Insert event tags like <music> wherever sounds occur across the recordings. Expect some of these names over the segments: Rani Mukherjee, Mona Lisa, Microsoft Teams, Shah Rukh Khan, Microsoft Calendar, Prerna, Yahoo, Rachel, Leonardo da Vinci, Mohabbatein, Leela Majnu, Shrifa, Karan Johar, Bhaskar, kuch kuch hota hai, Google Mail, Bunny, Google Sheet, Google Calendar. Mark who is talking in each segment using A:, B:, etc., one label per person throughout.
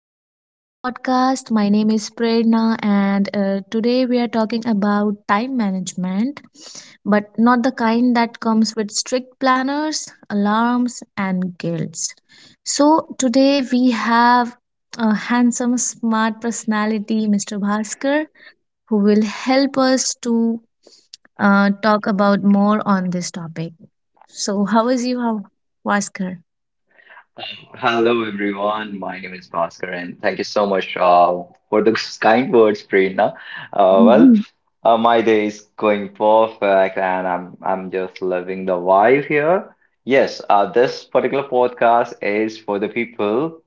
A: Welcome back to the podcast. My name is Prerna, and today we are talking about time management, but not the kind that comes with strict planners, alarms, and guilts. So, today we have a handsome, smart personality, Mr. Bhaskar, who will help us to talk about more on this topic. So, how is you, Bhaskar?
B: Hello, everyone. My name is Bhaskar, and thank you so much for the <laughs> kind words, Prerna. Uh, well,
A: <laughs>
B: uh, my day is going perfect, and I'm just loving the vibe here. Yes, this particular podcast is for the people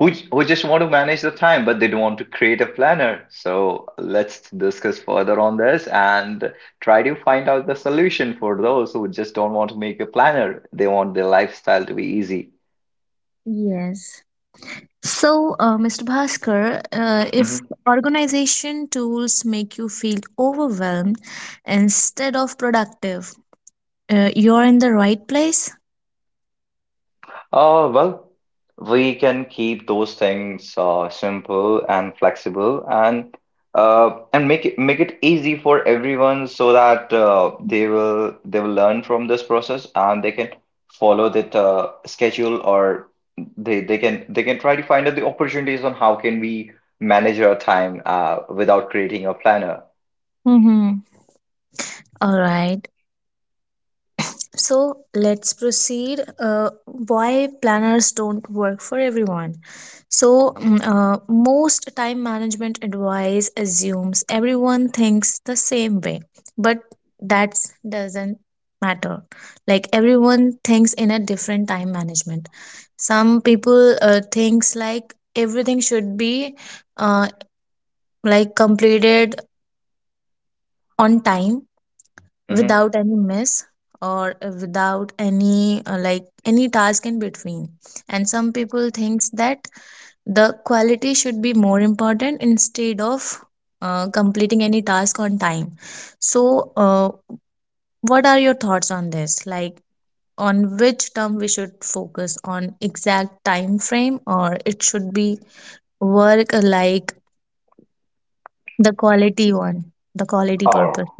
B: who just want to manage the time, but they don't want to create a planner. So let's discuss further on this and try to find out the solution for those who just don't want to make a planner. They want their lifestyle to be easy.
A: Yes. So, Mr. Bhaskar, if
B: Mm-hmm.
A: organization tools make you feel overwhelmed instead of productive, you're in the right place.
B: Well, we can keep those things simple and flexible and and make it easy for everyone so that they will learn from this process and they can follow that schedule or they can try to find out the opportunities on how can we manage our time without creating a planner.
A: Mm-hmm. All right. So let's proceed. Why planners don't work for everyone. So, most time management advice assumes everyone thinks the same way, but that doesn't matter. Like everyone thinks in a different time management. Some people thinks like everything should be uh, like completed on time
B: Hmm.
A: without any mess or without any like any task in between, and some people thinks that the quality should be more important instead of completing any task on time. So what are your thoughts on this? Like on which term we should focus on, exact time frame, or it should be work, like the quality one, the quality purpose?
B: Oh.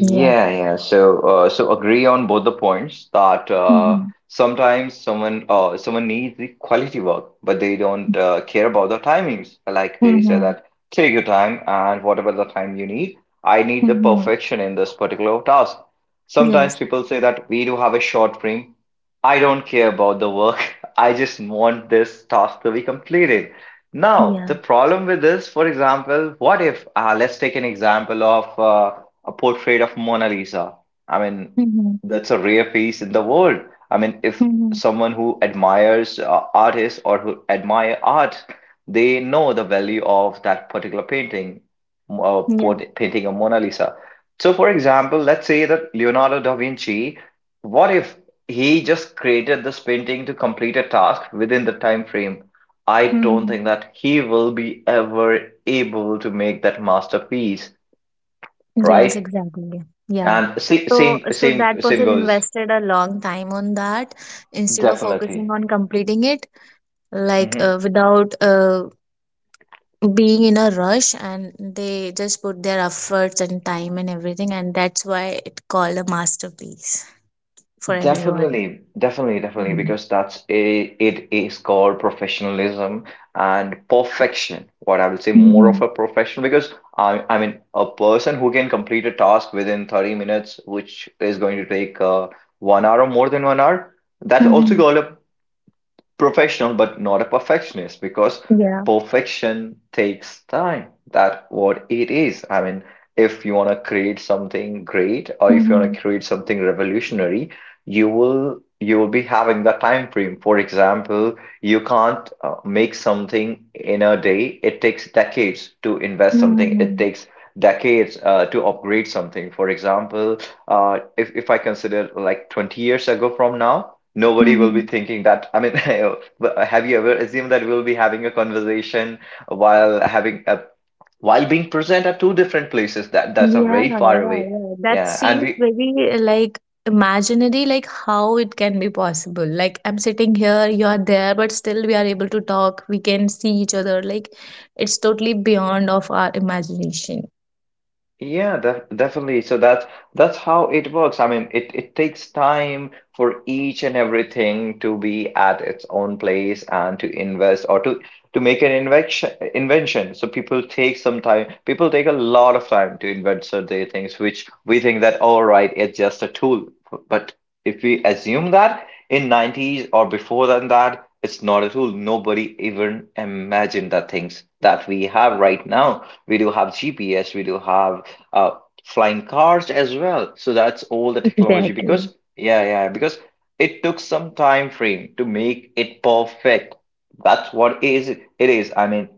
A: Yes.
B: yeah. So, agree on both the points that
A: Mm-hmm.
B: sometimes someone needs the quality work, but they don't care about the timings. Like they say
A: Mm-hmm.
B: that take your time and whatever the time you need. I need the
A: Mm-hmm.
B: perfection in this particular task. Sometimes
A: Yes.
B: people say that we do have a short frame. I don't care about the work. <laughs> I just want this task to be completed. Now,
A: Yeah.
B: the problem with this, for example, what if let's take an example of, a portrait of Mona Lisa. I mean,
A: Mm-hmm.
B: that's a rare piece in the world. I mean, if
A: Mm-hmm.
B: someone who admires artists or who admire art, they know the value of that particular painting,
A: Yeah.
B: painting of Mona Lisa. So, for example, let's say that Leonardo da Vinci, what if he just created this painting to complete a task within the time frame? I don't
A: Mm-hmm.
B: think that he will be ever able to make that masterpiece,
A: Yes,
B: right?
A: exactly. Yeah.
B: And same
A: So,
B: same
A: so
B: same
A: that
B: same
A: person
B: goes
A: invested a long time on that instead of focusing
B: definitely.
A: on completing it, like
B: Hmm.
A: without being in a rush, and they just put their efforts and time and everything, and that's why it called a masterpiece for everyone.
B: Definitely, definitely, definitely,
A: Mm-hmm.
B: because that's a it is called professionalism and perfection. What I would say more
A: Mm-hmm.
B: of a professional because I mean a person who can complete a task within 30 minutes, which is going to take one hour or more than one hour, that's also
A: Mm-hmm.
B: called a professional but not a perfectionist because
A: Yeah.
B: perfection takes time. That what it is. I mean, if you want to create something great or if you want
A: Mm-hmm.
B: to create something revolutionary, you will be having the time frame. For example, you can't make something in a day. It takes decades to invest something. It
A: Mm-hmm.
B: takes decades to upgrade something. For example, if I consider like 20 years ago from now, nobody will be
A: Hmm.
B: thinking that. I mean, <laughs> have you ever assumed that we'll be having a conversation while having a while being present at two different places? That's a
A: Yeah,
B: very far
A: yeah,
B: away.
A: yeah. That
B: Yeah, and
A: seems
B: we.
A: very like imaginary, like how it can be possible. Like I'm sitting here, you're there, but still we are able to talk. We can see each other. Like, it's totally beyond of our imagination.
B: Yeah, definitely. So that's how it works. I mean, it takes time for each and everything to be at its own place and to invest or to make an invention. So people take some time. People take a lot of time to invent certain things, which we think that all right, it's just a tool. But if we assume that in 90s or before than that, it's not a tool. Nobody even imagined the things that we have right now. We do have GPS, we do have uh, flying cars as well. So that's all the technology
A: Exactly.
B: because, yeah, yeah, because it took some time frame to make it perfect. That's what is it is. I mean,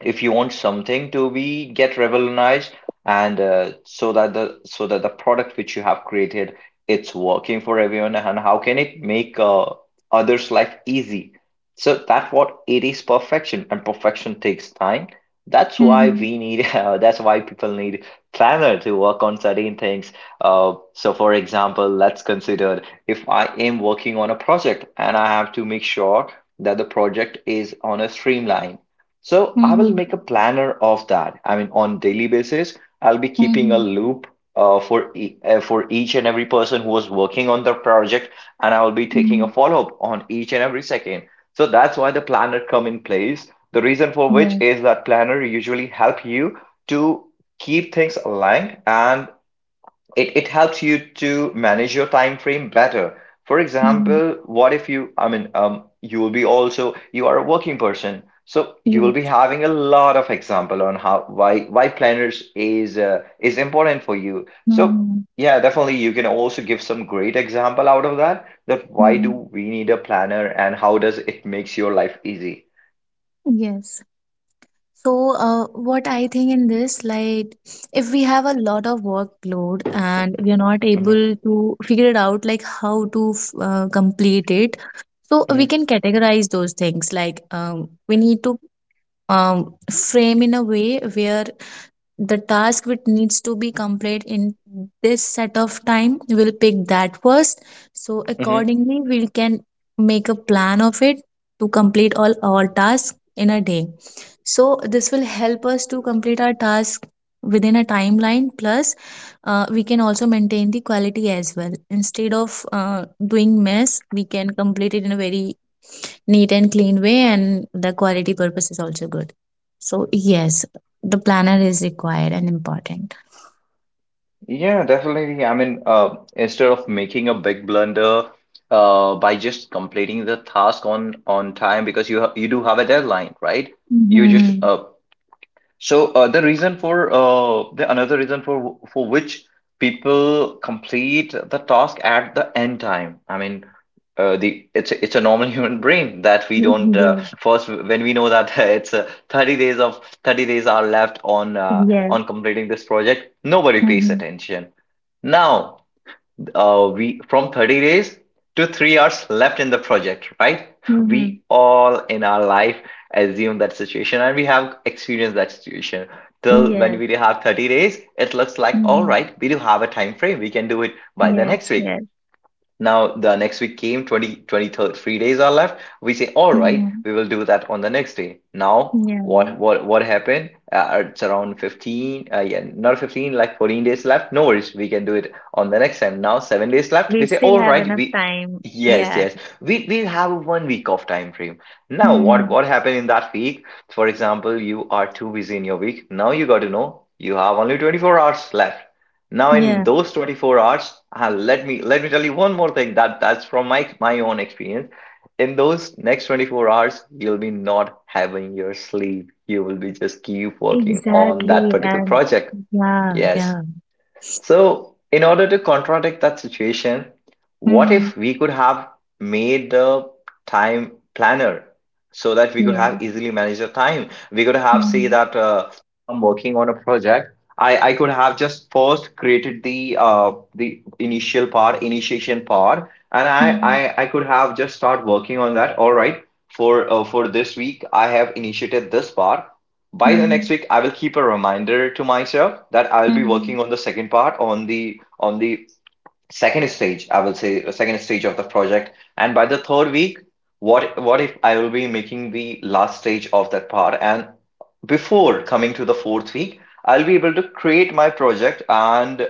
B: if you want something to be get revolutionized and so that the product which you have created, it's working for everyone, and how can it make others life easy, so that's what it is. Perfection and perfection takes time. That's why
A: Mm-hmm.
B: we need <laughs> that's why people need planner to work on certain things, so for example let's consider, if I am working on a project and I have to make sure that the project is on a streamline, so I will
A: Mm-hmm.
B: make a planner of that. I mean, on daily basis, I'll be keeping a
A: Mm-hmm.
B: loop for each and every person who was working on the project, and I will be taking
A: Mm-hmm.
B: a follow-up on each and every second. So that's why the planner come in place. The reason for which
A: Yeah.
B: is that planner usually help you to keep things aligned, and it helps you to manage your time frame better. For
A: Mm-hmm.
B: example, what if you, I mean, you will be also, you are a working person, so you will be
A: Yes.
B: having a lot of example on how why planners is is important for you, so,
A: Mm-hmm.
B: yeah, definitely you can also give some great example out of that why do
A: Mm-hmm.
B: we need a planner and how does it makes your life easy.
A: Yes. So, what I think in this, like, if we have a lot of workload and we are not
B: Mhm,
A: able to figure it out, like how to complete it, so we can
B: mhm,
A: categorize those things. Like, we need to frame in a way where the task which needs to be completed in this set of time, we'll pick that first, so
B: mhm.
A: accordingly we can make a plan of it to complete all our tasks in a day. So this will help us to complete our task within a timeline, plus we can also maintain the quality as well, instead of doing mess, we can complete it in a very neat and clean way, and the quality purpose is also good. So yes, the planner is required and important.
B: Yeah, definitely. I mean, instead of making a big blunder by just completing the task on time because you do have a deadline, right? You just,
A: Mm-hmm.
B: so, the reason for, the another reason for which people complete the task at the end time. I mean, it's a normal human brain that we don't
A: Yes,
B: first when we know that <laughs> it's 30 days of 30 days are left on uh,
A: yes.
B: on completing this project, nobody pays
A: Mm-hmm.
B: attention. Now, we from 30 days to 3 hours left in the project, right?
A: Mm-hmm.
B: We all in our life assume that situation and we have experienced that situation. Till when
A: Yes.
B: we have 30 days, it looks like all
A: Mm-hmm.
B: right, we do have a time frame, we can do it by the
A: Yes,
B: next week.
A: yes.
B: Now, the next week came. Twenty twenty three days are left. We say, all right,
A: Mm-hmm.
B: we will do that on the next day. Now,
A: Yeah.
B: what happened? It's around 15, yeah, not 15, like 14 days left. No worries, we can do it on the next time. Now, 7 days left.
A: We
B: We say,
A: still
B: all
A: have
B: right,
A: enough
B: we,
A: time.
B: yes,
A: Yeah.
B: yes, we have one week of time frame. Now, what
A: Mm-hmm.
B: what happened in that week? For example, you are too busy in your week. Now you got to know you have only 24 hours left. Now, in
A: Yeah,
B: those 24 hours, let me tell you one more thing that that's from my own experience. In those next 24 hours, you'll be not having your sleep. You will be just keep working on that
A: exactly.
B: particular
A: And
B: project.
A: yeah,
B: Yes,
A: yeah.
B: so, in order to contradict that situation, what
A: Mm-hmm.
B: if we could have made the time planner so that we could
A: Yeah.
B: have easily managed the time? We could have say
A: Mm-hmm.
B: that I'm working on a project. I could have just first created the initial part, initiation part, and I,
A: Mm-hmm.
B: I I could have just start working on that. All right, for this week, I have initiated this part. By the next week, I will keep a reminder to myself that I'll be
A: Mm-hmm.
B: working on the second part on the second stage. I will say second stage of the project, and by the third week, what if I will be making the last stage of that part, and before coming to the fourth week, I'll be able to create my project, and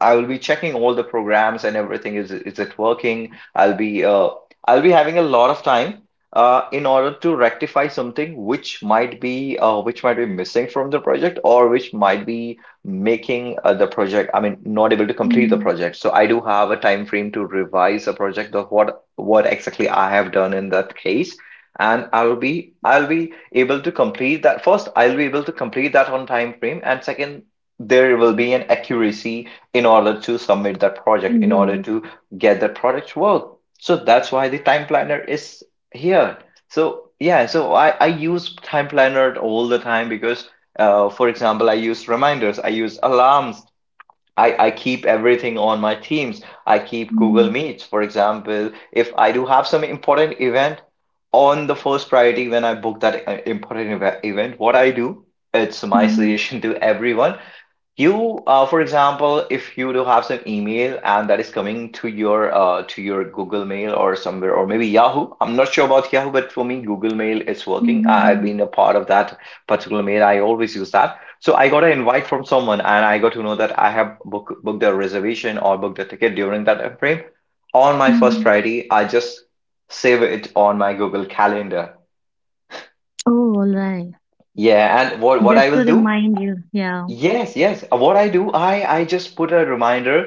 B: I will be checking all the programs and everything is it working. I'll be uh, i'll be having a lot of time in order to rectify something which might be missing from the project, or which might be making the project, I mean, not able to complete the
A: Mm-hmm.
B: project. So I do have a time frame to revise a project of what exactly I have done in that case. And I'll be able to complete that. First, I'll be able to complete that on time frame, and second, there will be an accuracy in order to submit that project, in order
A: Yes.
B: to get that project work. So that's why the time planner is here. So, yeah, so I use time planner all the time because for example, I use reminders, I use alarms, I keep everything on my Teams, I keep Google
A: Mm-hmm.
B: Meets. For example, if I do have some important event on the first priority when I book that important event, what I do, it's my
A: Mm-hmm.
B: suggestion to everyone. You, for example, if you do have some email and that is coming to your to your Google Mail or somewhere, or maybe Yahoo. I'm not sure about Yahoo, but for me, Google Mail is working.
A: Mm-hmm.
B: I've
A: Mm-hmm.
B: been a part of that particular mail. I always use that. So I got an invite from someone, and I got to know that I have booked a reservation or booked a ticket during that time frame. On my first
A: Mm-hmm.
B: priority, I just save it on my Google Calendar.
A: Oh, all right.
B: Yeah, and what I
A: Just to
B: will do?
A: remind you. Yeah.
B: Yes, yes. What I do, I just put a reminder,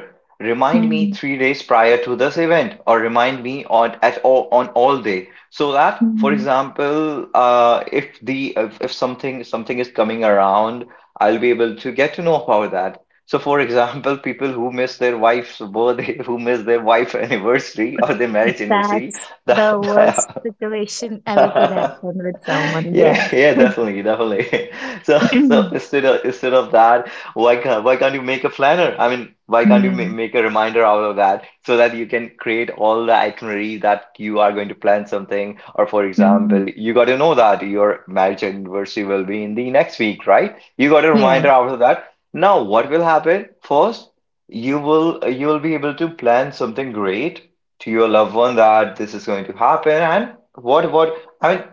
B: remind me
A: Hmm.
B: 3 days prior to this event, or remind me on at all on all day, so that, for
A: Hmm.
B: example, if the if something is coming around, I'll be able to get to know about that. So, for <laughs> example, people who miss their wife's birthday, <laughs> who miss their wife <laughs> anniversary or their marriage anniversary,
A: That's the worst
B: that
A: situation ever could happen
B: <laughs>
A: with someone.
B: yeah,
A: Yes.
B: yeah, definitely, definitely. <laughs> So, so
A: <clears throat>
B: instead of instead of that, why can't you make a planner? I mean, why can't you ma
A: Hmm.
B: make a reminder out of that so that you can create all the itinerary that you are going to plan something? Or for
A: Hmm.
B: example, you got to know that your marriage anniversary will be in the next week, right? You got a reminder
A: Yes.
B: out of that. Now, what will happen? First, you will be able to plan something great to your loved one that this is going to happen, and what what. I mean,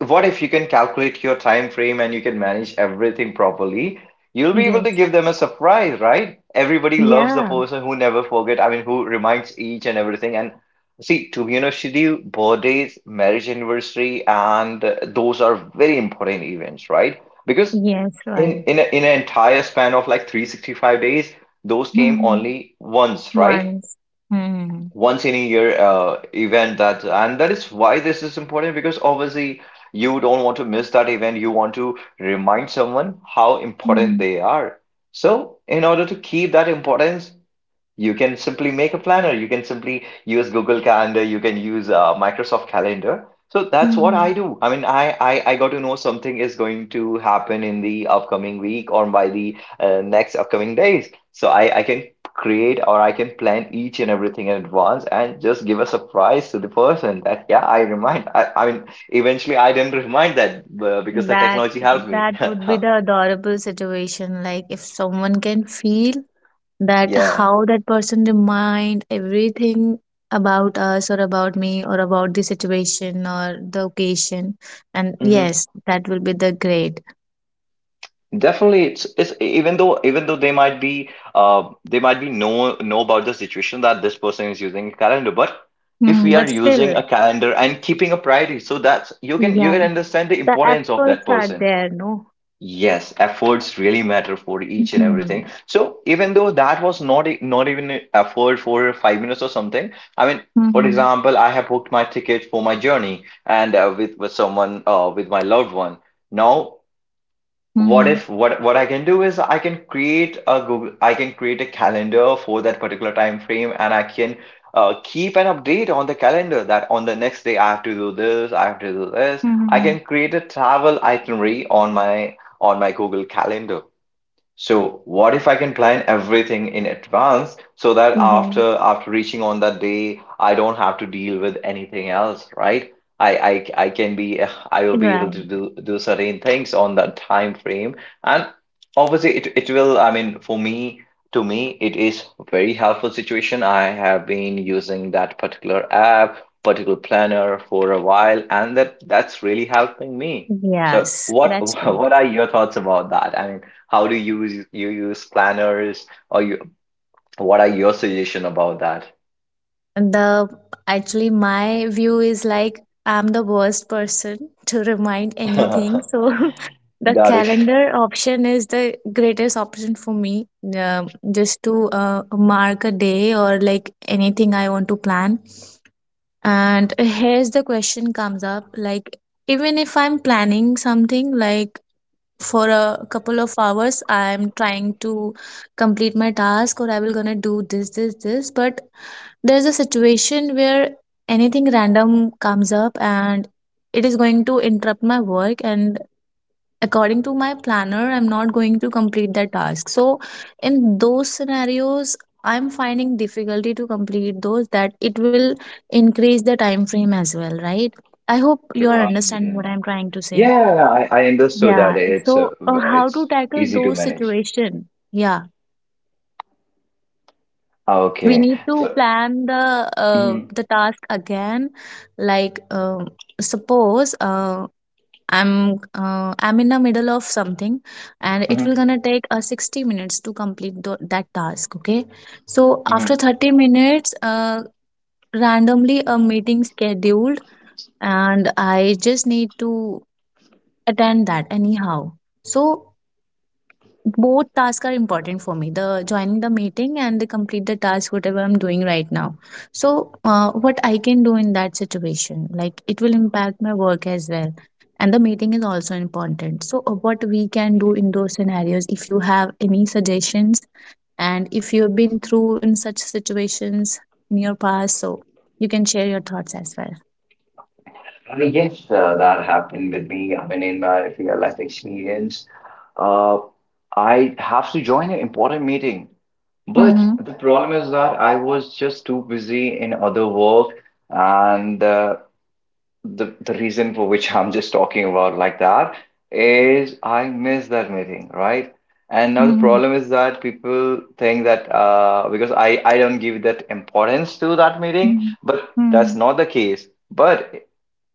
B: what if you can calculate your time frame and you can manage everything properly, you'll be able to
A: Yes.
B: give them a surprise, right? Everybody loves the
A: Yeah.
B: person who never forget, I mean, who reminds each and everything. And see, to be honest with you, birthdays, marriage anniversary, and those are very important events, right? Because
A: Yes.
B: in
A: Right.
B: in, a, in an entire span of like 365 days, those came
A: Hmm.
B: only once, right?
A: Once. Hmm.
B: Once in a year event, that, and that is why this is important, because obviously you don't want to miss that event, you want to remind someone how important
A: Hmm.
B: they are. So in order to keep that importance, you can simply make a planner. You can simply use Google Calendar. You can use Microsoft Calendar. So that's what
A: Hmm.
B: I do. I mean, I got to know something is going to happen in the upcoming week or by the next upcoming days. So I can create or I can plan each and everything in advance and just give a surprise to the person that yeah, I remind. I mean, eventually I didn't remind that because the
A: That,
B: technology helped me.
A: that would be the adorable situation. Like if someone can feel that how
B: <laughs>
A: that person remind everything about us or about me or about the situation or the occasion, and
B: Yeah.
A: yes, that will be the great.
B: Definitely, it's even though they might be know about the situation that this person is using a calendar, but if
A: Hmm,
B: we are
A: but
B: using
A: still,
B: a calendar and keeping a priority, so that's, you
A: yeah,
B: can understand the
A: the
B: importance of that
A: efforts are
B: person.
A: there, no?
B: Yes, efforts really matter for each and
A: Mm-hmm.
B: everything. So even though that was not not even an effort for 5 minutes or something, I mean, for
A: Mm-hmm.
B: example, I have booked my ticket for my journey and with someone, with my loved one. Now what
A: Mm-hmm.
B: if what I can do is I can create a Google, I can create a calendar for that particular time frame, and I can keep an update on the calendar that on the next day I have to do this, I have to do this. I
A: Mm-hmm.
B: can create a travel itinerary on my Google Calendar. So what if I can plan everything in advance so that
A: Yes,
B: after reaching on that day, I don't have to deal with anything else, right? I, I can be, I will be able to
A: right.
B: do certain things on that time frame, and obviously it it will. I mean, for me, to me, it is a very helpful situation. I have been using that particular app, particular planner for a while, and that's really helping me. So
A: Yes,
B: what <laughs>
A: that's great.
B: what are your thoughts about that? I mean, how do you use, you use planners, or you, what are your suggestion about
A: The actually my view is like I'm the worst person <laughs> to remind anything,
B: that? <laughs>
A: so <laughs> the
B: Got it.
A: calendar option is the greatest option for me, just to mark a day or like anything I want to plan. And here's the question comes up, like, even if I'm planning something, like for a couple of hours I'm trying to complete my task, or I will gonna do this, this, this, but there's a situation where anything random comes up and it is going to interrupt my work, and according to my planner I'm not going to complete that task. So in those scenarios, I'm finding difficulty to complete those, that it will increase the time frame as well, right? I hope you are
B: Right,
A: understanding
B: yeah.
A: what I'm trying to say.
B: Yeah, I understood that
A: Yeah.
B: it's
A: So how
B: it's
A: to tackle
B: easy to
A: those
B: manage.
A: situation? Yeah,
B: Ah,
A: we
B: okay.
A: need to
B: So
A: plan
B: mhm,
A: the task again. Like suppose I'm, I'm in the middle of something, and it will
B: mhm,
A: gonna take 60 minutes to complete that task, okay? So after
B: mhm.
A: 30 minutes randomly a meeting scheduled, and I just need to attend that anyhow. So both tasks are important for me, the joining the meeting and the complete the task whatever I'm doing right now. So what I can do in that situation? Like it will impact my work as well, and the meeting is also important. So what we can do in those scenarios, if you have any suggestions, and if you've been through in such situations in your past, so you can share your thoughts as well.
B: Yes, that happened with me. I mean, in my real life experience, uh, I have to join an important meeting. But
A: Mm-hmm.
B: the problem is that I was just too busy in other work, and the reason for which I'm just talking about like that is I miss that meeting, right? And now the
A: Mm-hmm.
B: problem is that people think that because I don't give that importance to that meeting, but
A: Mm-hmm.
B: that's not the case. But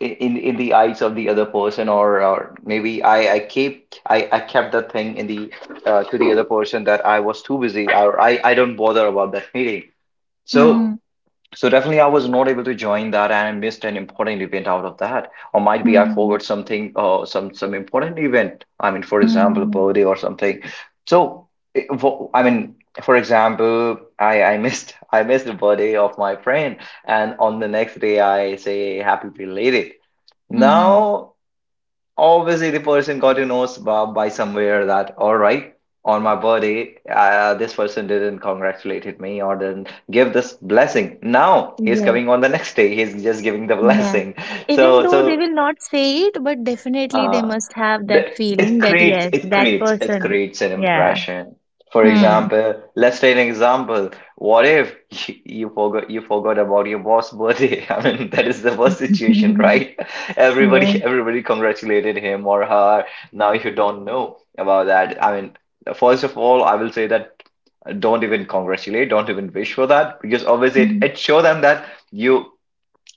B: in the eyes of the other person, or maybe I keep, I kept that thing in the, to the other person, that I was too busy or I don't bother about that meeting. So.
A: Mm-hmm.
B: So definitely, I was not able to join that, and I missed an important event out of that, or might be I
A: Mm-hmm.
B: forgot something, some important event. I mean, for example,
A: Mm-hmm.
B: birthday or something. So, I mean, for example, I missed <laughs> I missed the birthday of my friend, and on the next day I say happy belated. Now obviously the person got to know by somewhere that, all right, on my birthday, this person didn't congratulate me or didn't give this blessing, now he's
A: Mm-hmm.
B: coming on the next day, he's just giving the <laughs>
A: Yeah.
B: blessing.
A: Even
B: so
A: though they
B: so
A: will not say it, but definitely they
B: uh,
A: must have that
B: the, it
A: feeling that
B: creates
A: yes,
B: it
A: that
B: creates it
A: person.
B: creates an
A: Yeah.
B: impression. For
A: Hmm.
B: example, let's take an example. What if <laughs> you, you forgot about your boss' birthday? <laughs> I mean, that is the worst situation,
A: <laughs>
B: right? <laughs> Everybody
A: Yes.
B: everybody congratulated him or her. Now you don't know about that. I mean, first of all, I will say that don't even congratulate, don't even wish for that, because obviously it,
A: Mhm.
B: it show them that you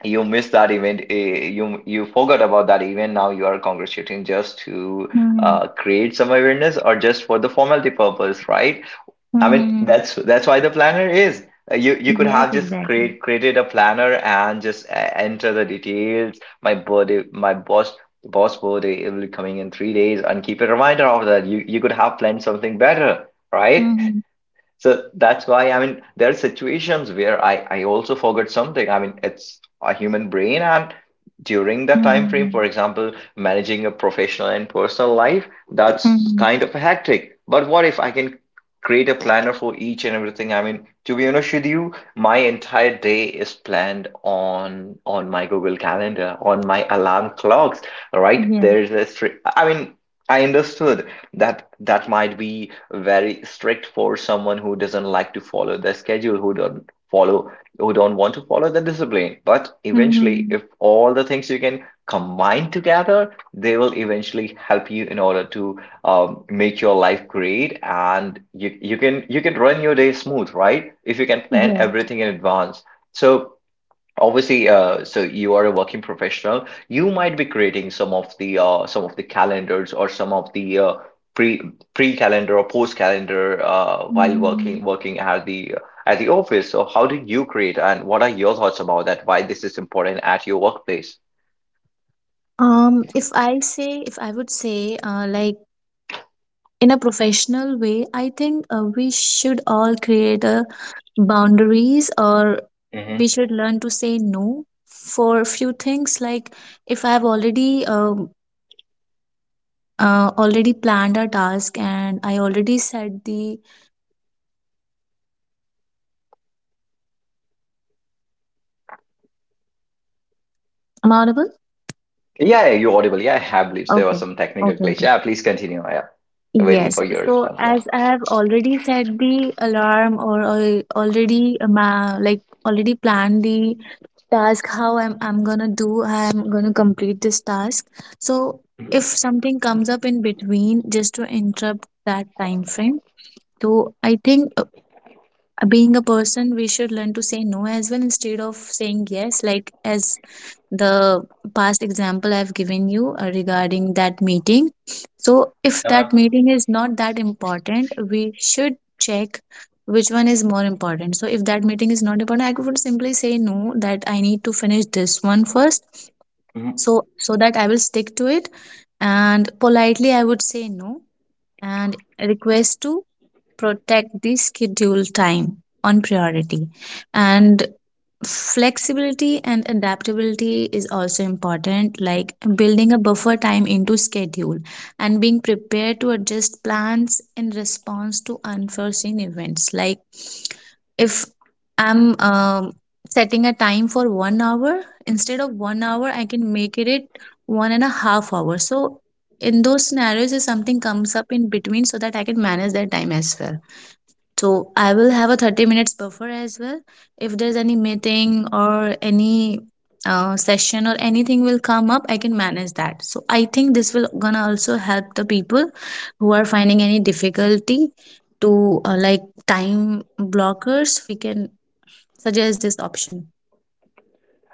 B: you missed that event, you, you forgot about that event, now you are congratulating just to
A: Mhm.
B: create some awareness or just for the formality purpose, right? I mean,
A: Mhm.
B: that's why the planner is, you you could have
A: Yes,
B: just
A: exactly.
B: created a planner and just enter the details, my birthday, my boss, boss birthday, it will be coming in 3 days, and keep a reminder of that. You could have planned something better, right?
A: Mhm.
B: So that's why, I mean, there are situations where I also forget something. I mean, it's a human brain, and during that time frame, for
A: Mhm.
B: example, managing a professional and personal life, that's
A: Mhm.
B: kind of hectic. But what if I can create a planner for each and everything? I mean, to be honest with you, my entire day is planned on my Google Calendar, on my alarm clocks, right?
A: Yes.
B: There's I mean, I understood that that might be very strict for someone who doesn't like to follow the schedule, who don't follow, who don't want to follow the discipline. But eventually,
A: Mhm.
B: if all the things you can combine together, they will eventually help you in order to make your life great, and you can, you can run your day smooth, right? If you can plan
A: Yes.
B: everything in advance. So, obviously, so you are a working professional. You might be creating some of the calendars or some of the pre pre calendar or post calendar while
A: Mhm.
B: working at the, at the office. So how do you create, and what are your thoughts about that? Why this is important at your workplace?
A: If I say, if I would say, like in a professional way, I think we should all create a boundaries, or we
B: Hmm.
A: should learn to say no for a few things. Like if I have already already planned a task, and I already said the, am I audible?
B: Yeah, yeah, you audible. Yeah, I have beliefs. There was
A: Okay.
B: some technical glitch.
A: Okay.
B: Yeah, please continue. Yeah, waiting
A: Yes,
B: for your
A: so
B: response. Yeah.
A: as I have already set the alarm or, already like already planned the task, how I'm gonna do, I'm gonna complete this task. So if something comes up in between just to interrupt that time frame, so I think being a person, we should learn to say no as well instead of saying yes. Like as the past example I've given you regarding that meeting, so if that
B: Uh-huh.
A: meeting is not that important, we should check which one is more important. So if that meeting is not important, I would simply say no, that I need to finish this one first,
B: Mhm.
A: so so that I will stick to it, and politely I would say no and request to protect the schedule time on priority. And flexibility and adaptability is also important, like building a buffer time into schedule and being prepared to adjust plans in response to unforeseen events. Like if I'm setting a time for 1 hour, instead of 1 hour I can make it it 1.5 hours. So in those scenarios, if something comes up in between, so that I can manage that time as well. So I will have a 30 minutes buffer as well. If there's any meeting or any session or anything will come up, I can manage that. So I think this will gonna also help the people who are finding any difficulty to, like, time blockers, we can suggest this option.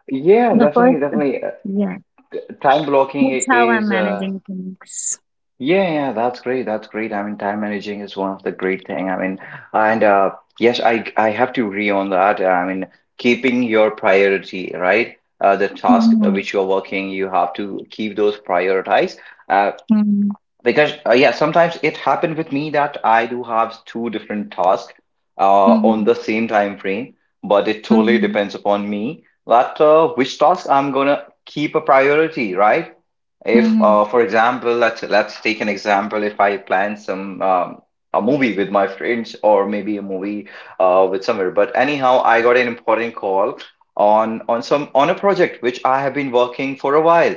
B: Yeah,
A: The first,
B: definitely, definitely.
A: yeah,
B: Time blocking
A: that's how I'm
B: is
A: managing things.
B: yeah, yeah, that's great. That's great. I mean, time managing is one of the great thing. I mean, and yes, I have to agree on that. I mean, keeping your priority, right? The task
A: Mhm,
B: which you're working, you have to keep those prioritized. Uh,
A: mhm,
B: because yeah, sometimes it happened with me that I do have two different tasks on
A: mhm,
B: the same time frame, but it totally
A: mhm,
B: depends upon me that which task I'm gonna keep a priority, right? If,
A: mhm,
B: for example, let's take an example. If I plan some a movie with my friends, or maybe a movie with somewhere. But anyhow, I got an important call on some on a project which I have been working for a while,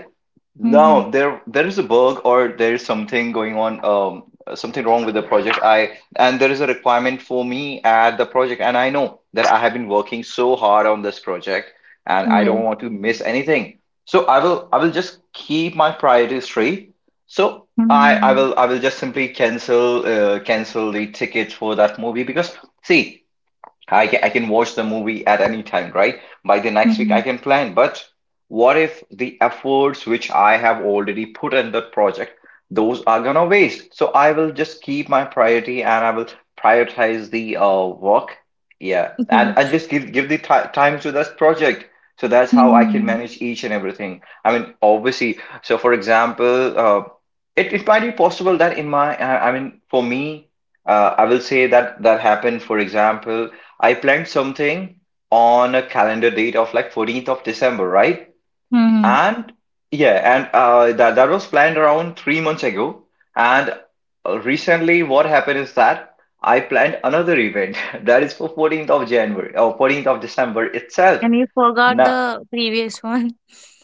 A: mhm.
B: no, there is a bug or there is something going on, something wrong with the project. I and there is a requirement for me at the project, and I know that I have been working so hard on this project, and I don't
A: Yes.
B: want to miss anything. So I will just keep my priorities straight. So I I
A: Hmm.
B: will I will just simply cancel cancel the tickets for that movie because see I can watch the movie at any time, right? By the next week, I
A: Hmm.
B: can plan. But what if the efforts which I have already put in the project, those are gonna waste? So I will just keep my priority and I will prioritize the work. Yeah, and just give the ti time to that project. So that's how I can
A: Hmm.
B: manage each and everything. I mean, obviously. So for example, it might be possible that in for me. I will say that that happened, for example, I planned something on a calendar date of like 14th of December, right?
A: Hmm.
B: And yeah, and that was planned around 3 months ago. And recently, what happened is that I planned another event <laughs> that is for 14th of January or 14th of December itself.
A: And you forgot
B: Now,
A: the previous one.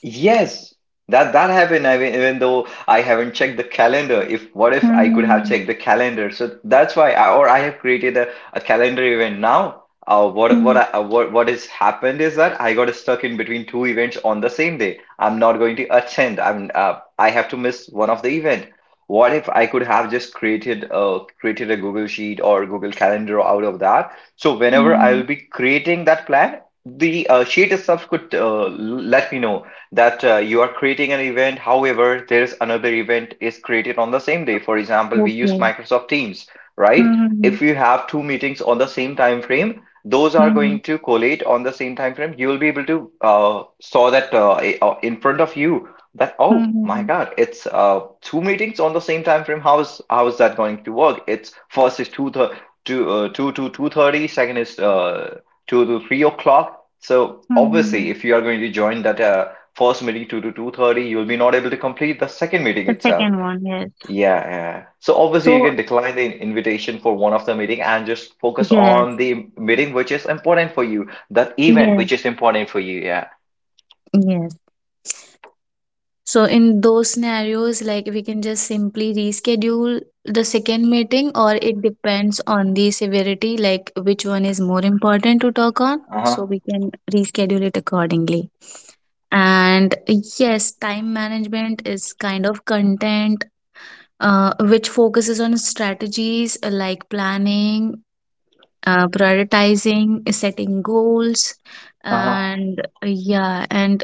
B: yes, that happened. I mean, even though I haven't checked the calendar, if what if I could have
A: Hmm.
B: checked the calendar? So that's why, I have created a calendar event now. What
A: Hmm.
B: I, what has happened is that I got stuck in between two events on the same day. I'm not going to attend. I have to miss one of the event. What if I could have just created created a Google Sheet or Google Calendar out of that? So whenever I
A: Hmm.
B: will be creating that plan, the sheet itself could let me know that you are creating an event. However, there is another event is created on the same day. For example, we use
A: Okay.
B: Microsoft Teams, right?
A: Hmm.
B: If you have two meetings on the same time frame, those are
A: Hmm.
B: going to collate on the same time frame. You will be able to saw that in front of you that oh my
A: Hmm.
B: God, it's two meetings on the same time frame. How is that going to work? It's first is 2 to 2:30. Second is 2 to 3 o'clock. So obviously,
A: Hmm.
B: if you are going to join that first meeting 2 to 2:30, you'll be not able to complete the second meeting
A: The
B: itself.
A: second one, yes.
B: Yeah, yeah. So obviously you
A: So,
B: can decline the invitation for one of the meeting and just focus on
A: yes.
B: the meeting which is important for you, that event
A: Yes.
B: which is important for you. Yeah.
A: Yes. So in those scenarios, like, we can just simply reschedule the second meeting, or it depends on the severity, like which one is more important to talk on. So
B: Uh-huh.
A: we can reschedule it accordingly. And yes, time management is kind of content which focuses on strategies like planning, prioritizing, setting goals,
B: Uh-huh.
A: and yeah, and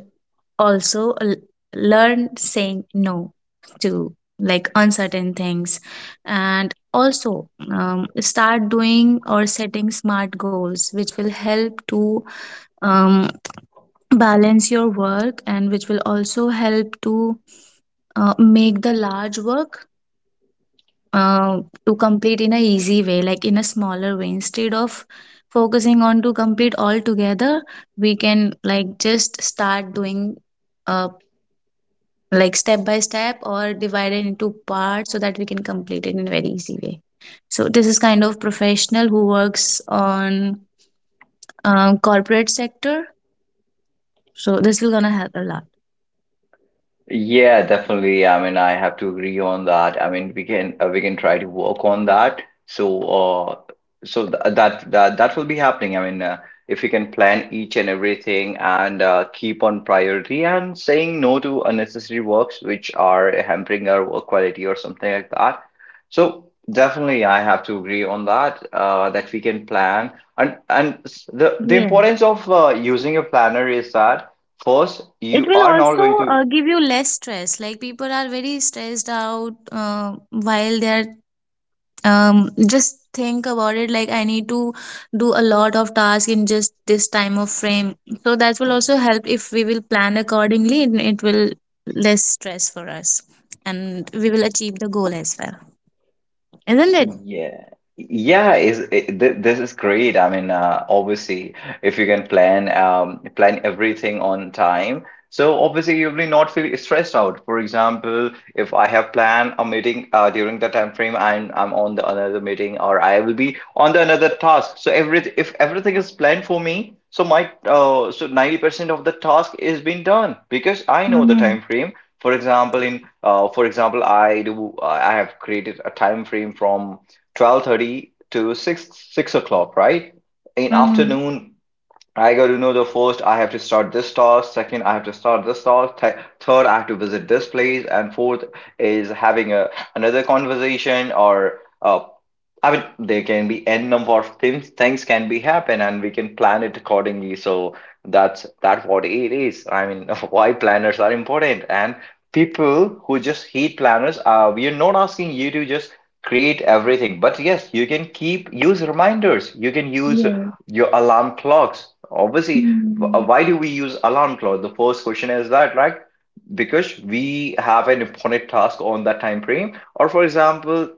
A: also learn saying no to like uncertain things, and also start doing or setting smart goals which will help to um, balance your work, and which will also help to make the large work uh, to complete in a easy way, like in a smaller way, instead of focusing on to complete all together, we can like just start doing, uh, like step by step or divided into parts, so that we can complete it in a very easy way. So this is kind of professional who works on corporate sector, so this will gonna help a lot.
B: Yeah, definitely. I mean, I have to agree on that. I mean, we can try to work on that. So, so th that will be happening. I mean, if we can plan each and everything and keep on priority and saying no to unnecessary works which are hampering our work quality or something like that. So, definitely, I have to agree on that. That we can plan and the
A: Yeah,
B: importance of using a planner is that. First,
A: it
B: you
A: will
B: are not
A: also
B: going to.
A: give you less stress, like people are very stressed out while they are, just think about it, like I need to do a lot of tasks in just this time of frame. So that will also help if we will plan accordingly, and it will less stress for us, and we will achieve the goal as well, isn't it?
B: Yeah. Yeah, is it, th this is great. I mean, obviously, if you can plan plan everything on time, so obviously you will not feel stressed out. For example, if I have planned a meeting during the time frame, I'm on the another meeting, or I will be on the another task. So every if everything is planned for me, so my so 90% of the task is being done because I know the
A: Mm-hmm.
B: time frame. For example, in for example, I have created a time frame from 12:30 to 6 o'clock, right? In
A: Mm-hmm.
B: afternoon, I got to know the first, I have to start this task. Second, I have to start this task. Third, I have to visit this place. And fourth is having a another conversation or I mean, there can be n number of things can be happen, and we can plan it accordingly. So that's what it is. I mean, <laughs> why planners are important, and people who just hate planners, we are not asking you to just create everything, but yes, you can keep use reminders. You can use
A: Yes.
B: your alarm clocks. Obviously,
A: Mm-hmm.
B: why do we use alarm clock? The first question is that, right? Because we have an important task on that time frame. Or for example,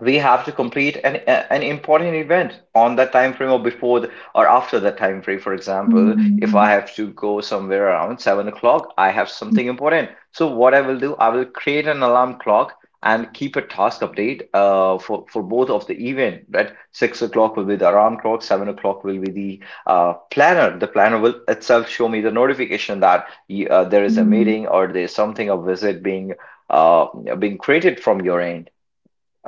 B: we have to complete an important event on that time frame or before the, or after that time frame. For example, if I
A: Mm-hmm.
B: have to go somewhere around 7 o'clock, I have something important, so what I will do, I will create an alarm clock and keep a task update, for both of the event, right? 6 o'clock will be the alarm clock, 7 o'clock will be the planner. The planner will itself show me the notification that there is a
A: Mm-hmm.
B: meeting or there's something a visit being uh, being created from your end,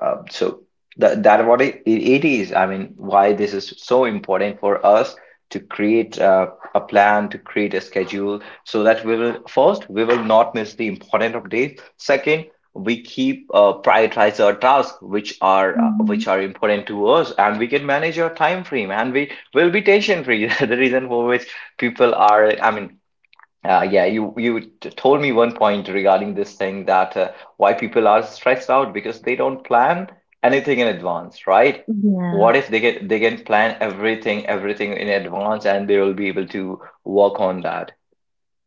B: uh, so that what it is. I mean, why this is so important for us to create a plan, to create a schedule, so that we will first we will not miss the important updates. Second, we keep prioritize our tasks
A: Mm-hmm.
B: which are important to us, and we can manage our time frame, and we will be tension free. <laughs> The reason for which people are, I mean, yeah, told me one point regarding this thing that why people are stressed out because they don't plan anything in advance, right? What
A: Yeah.
B: if they get they can plan everything in advance and they will be able to work on that.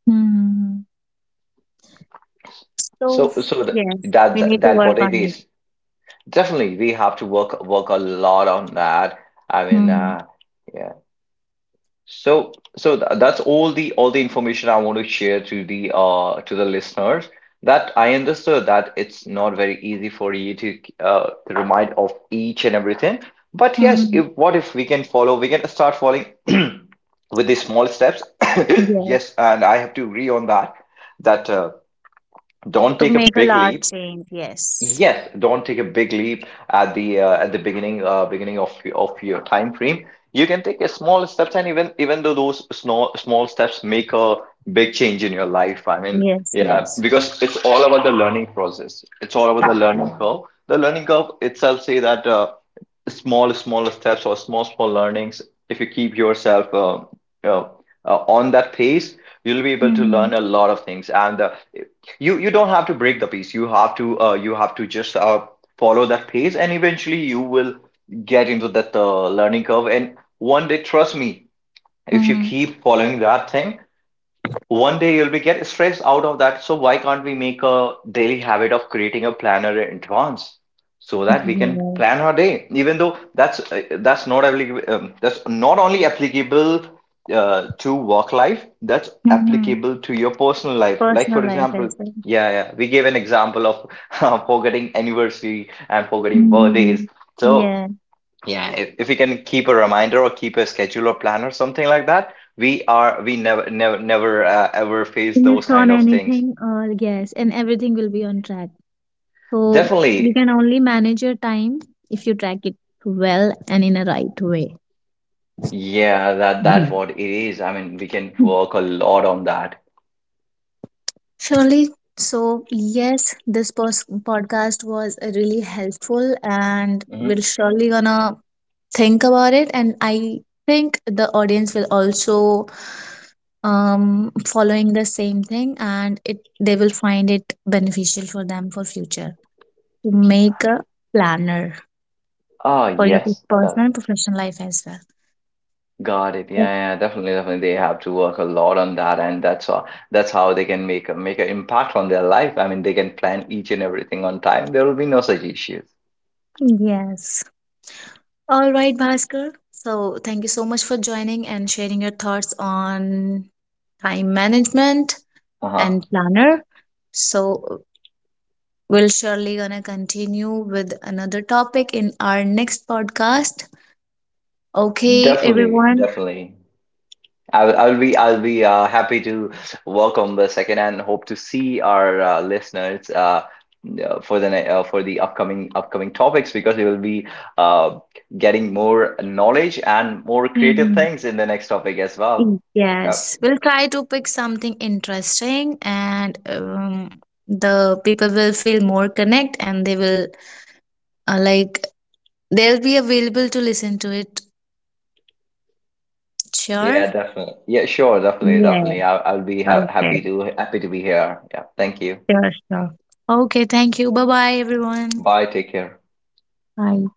A: Mm-hmm. So
B: So so th
A: yes, we
B: that
A: need to
B: that what
A: work
B: it
A: on
B: is.
A: it.
B: Definitely, we have to work a lot on that. I mean,
A: Mm-hmm.
B: yeah. So, that's all the information I want to share to the listeners. That I understood that it's not very easy for you to remind of each and everything. But yes,
A: Mm-hmm.
B: if what if we can follow, we can start following <clears throat> with the small steps. <coughs>
A: Yes,
B: Yes, and I have to agree on that. That uh, don't
A: to
B: take a
A: make a
B: big
A: large
B: leap.
A: change, yes.
B: Yes, don't take a big leap at the beginning beginning of of your time frame. You can take a small steps, and even even though those small small steps make a big change in your life. I mean,
A: Yes,
B: yeah,
A: yes.
B: because it's all about the learning process. It's all about the learning curve. The learning curve itself say that. Small small steps or small small learnings, if you keep yourself uh, on that pace, you'll be able to learn
A: Mm-hmm.
B: a lot of things, and you you don't have to break the pace. You have to you have to just follow that pace, and eventually you will get into that learning curve, and one day trust me, if you
A: Mm-hmm.
B: keep following that thing, one day you'll be get stressed out of that. So why can't we make a daily habit of creating a planner in advance so that we can
A: Yeah.
B: plan our day? Even though that's not applicable, that's not only applicable to work life, that's
A: Mm-hmm.
B: applicable to your personal life. Like for
A: Personal life
B: example,
A: as well.
B: yeah, yeah, we gave an example of <laughs> forgetting anniversary and forgetting birthdays.
A: Mm-hmm.
B: So
A: Yeah.
B: yeah, if we can keep a reminder or keep a schedule or plan or something like that, we are we never never never ever face
A: Miss
B: those
A: on
B: kind of things.
A: anything, or yes, and everything will be on track. So you
B: Definitely.
A: can only manage your time if you track it well and in a right way.
B: Yeah, that
A: Yeah.
B: what it is. I mean, we can work a lot on that.
A: Surely. So, yes, this podcast was really helpful, and we'll
B: Mm-hmm.
A: surely gonna think about it. And I think the audience will also following the same thing, and it, they will find it beneficial for them for future to make a planner
B: Oh
A: for your
B: yes, that
A: personal and professional life as well.
B: got it. Yeah yeah, definitely, definitely they have to work a lot on that, and that's how they can make a make an impact on their life. I mean, they can plan each and everything on time. There will be no such issues.
A: Yes. All right, Bhaskar, so thank you so much for joining and sharing your thoughts on time management
B: Uh-huh.
A: and planner. So we'll surely gonna continue with another topic in our next podcast. Okay,
B: Definitely,
A: everyone.
B: definitely. I'll be happy to welcome the second and hope to see our listeners for the upcoming topics because we will be uh, getting more knowledge and more creative
A: Mhm.
B: things in the next topic as well. Yep.
A: Yes, we'll try to pick something interesting, and the people will feel more connect, and they will like, they'll be available to listen to it.
B: Yeah,
A: Sure.
B: definitely. Yeah, sure, definitely,
A: Yeah,
B: definitely. I'll be ha
A: okay,
B: happy to be here. Yeah, thank you.
A: sure, sure. Okay. Thank you. Bye bye, everyone.
B: Bye. Take care.
A: Bye.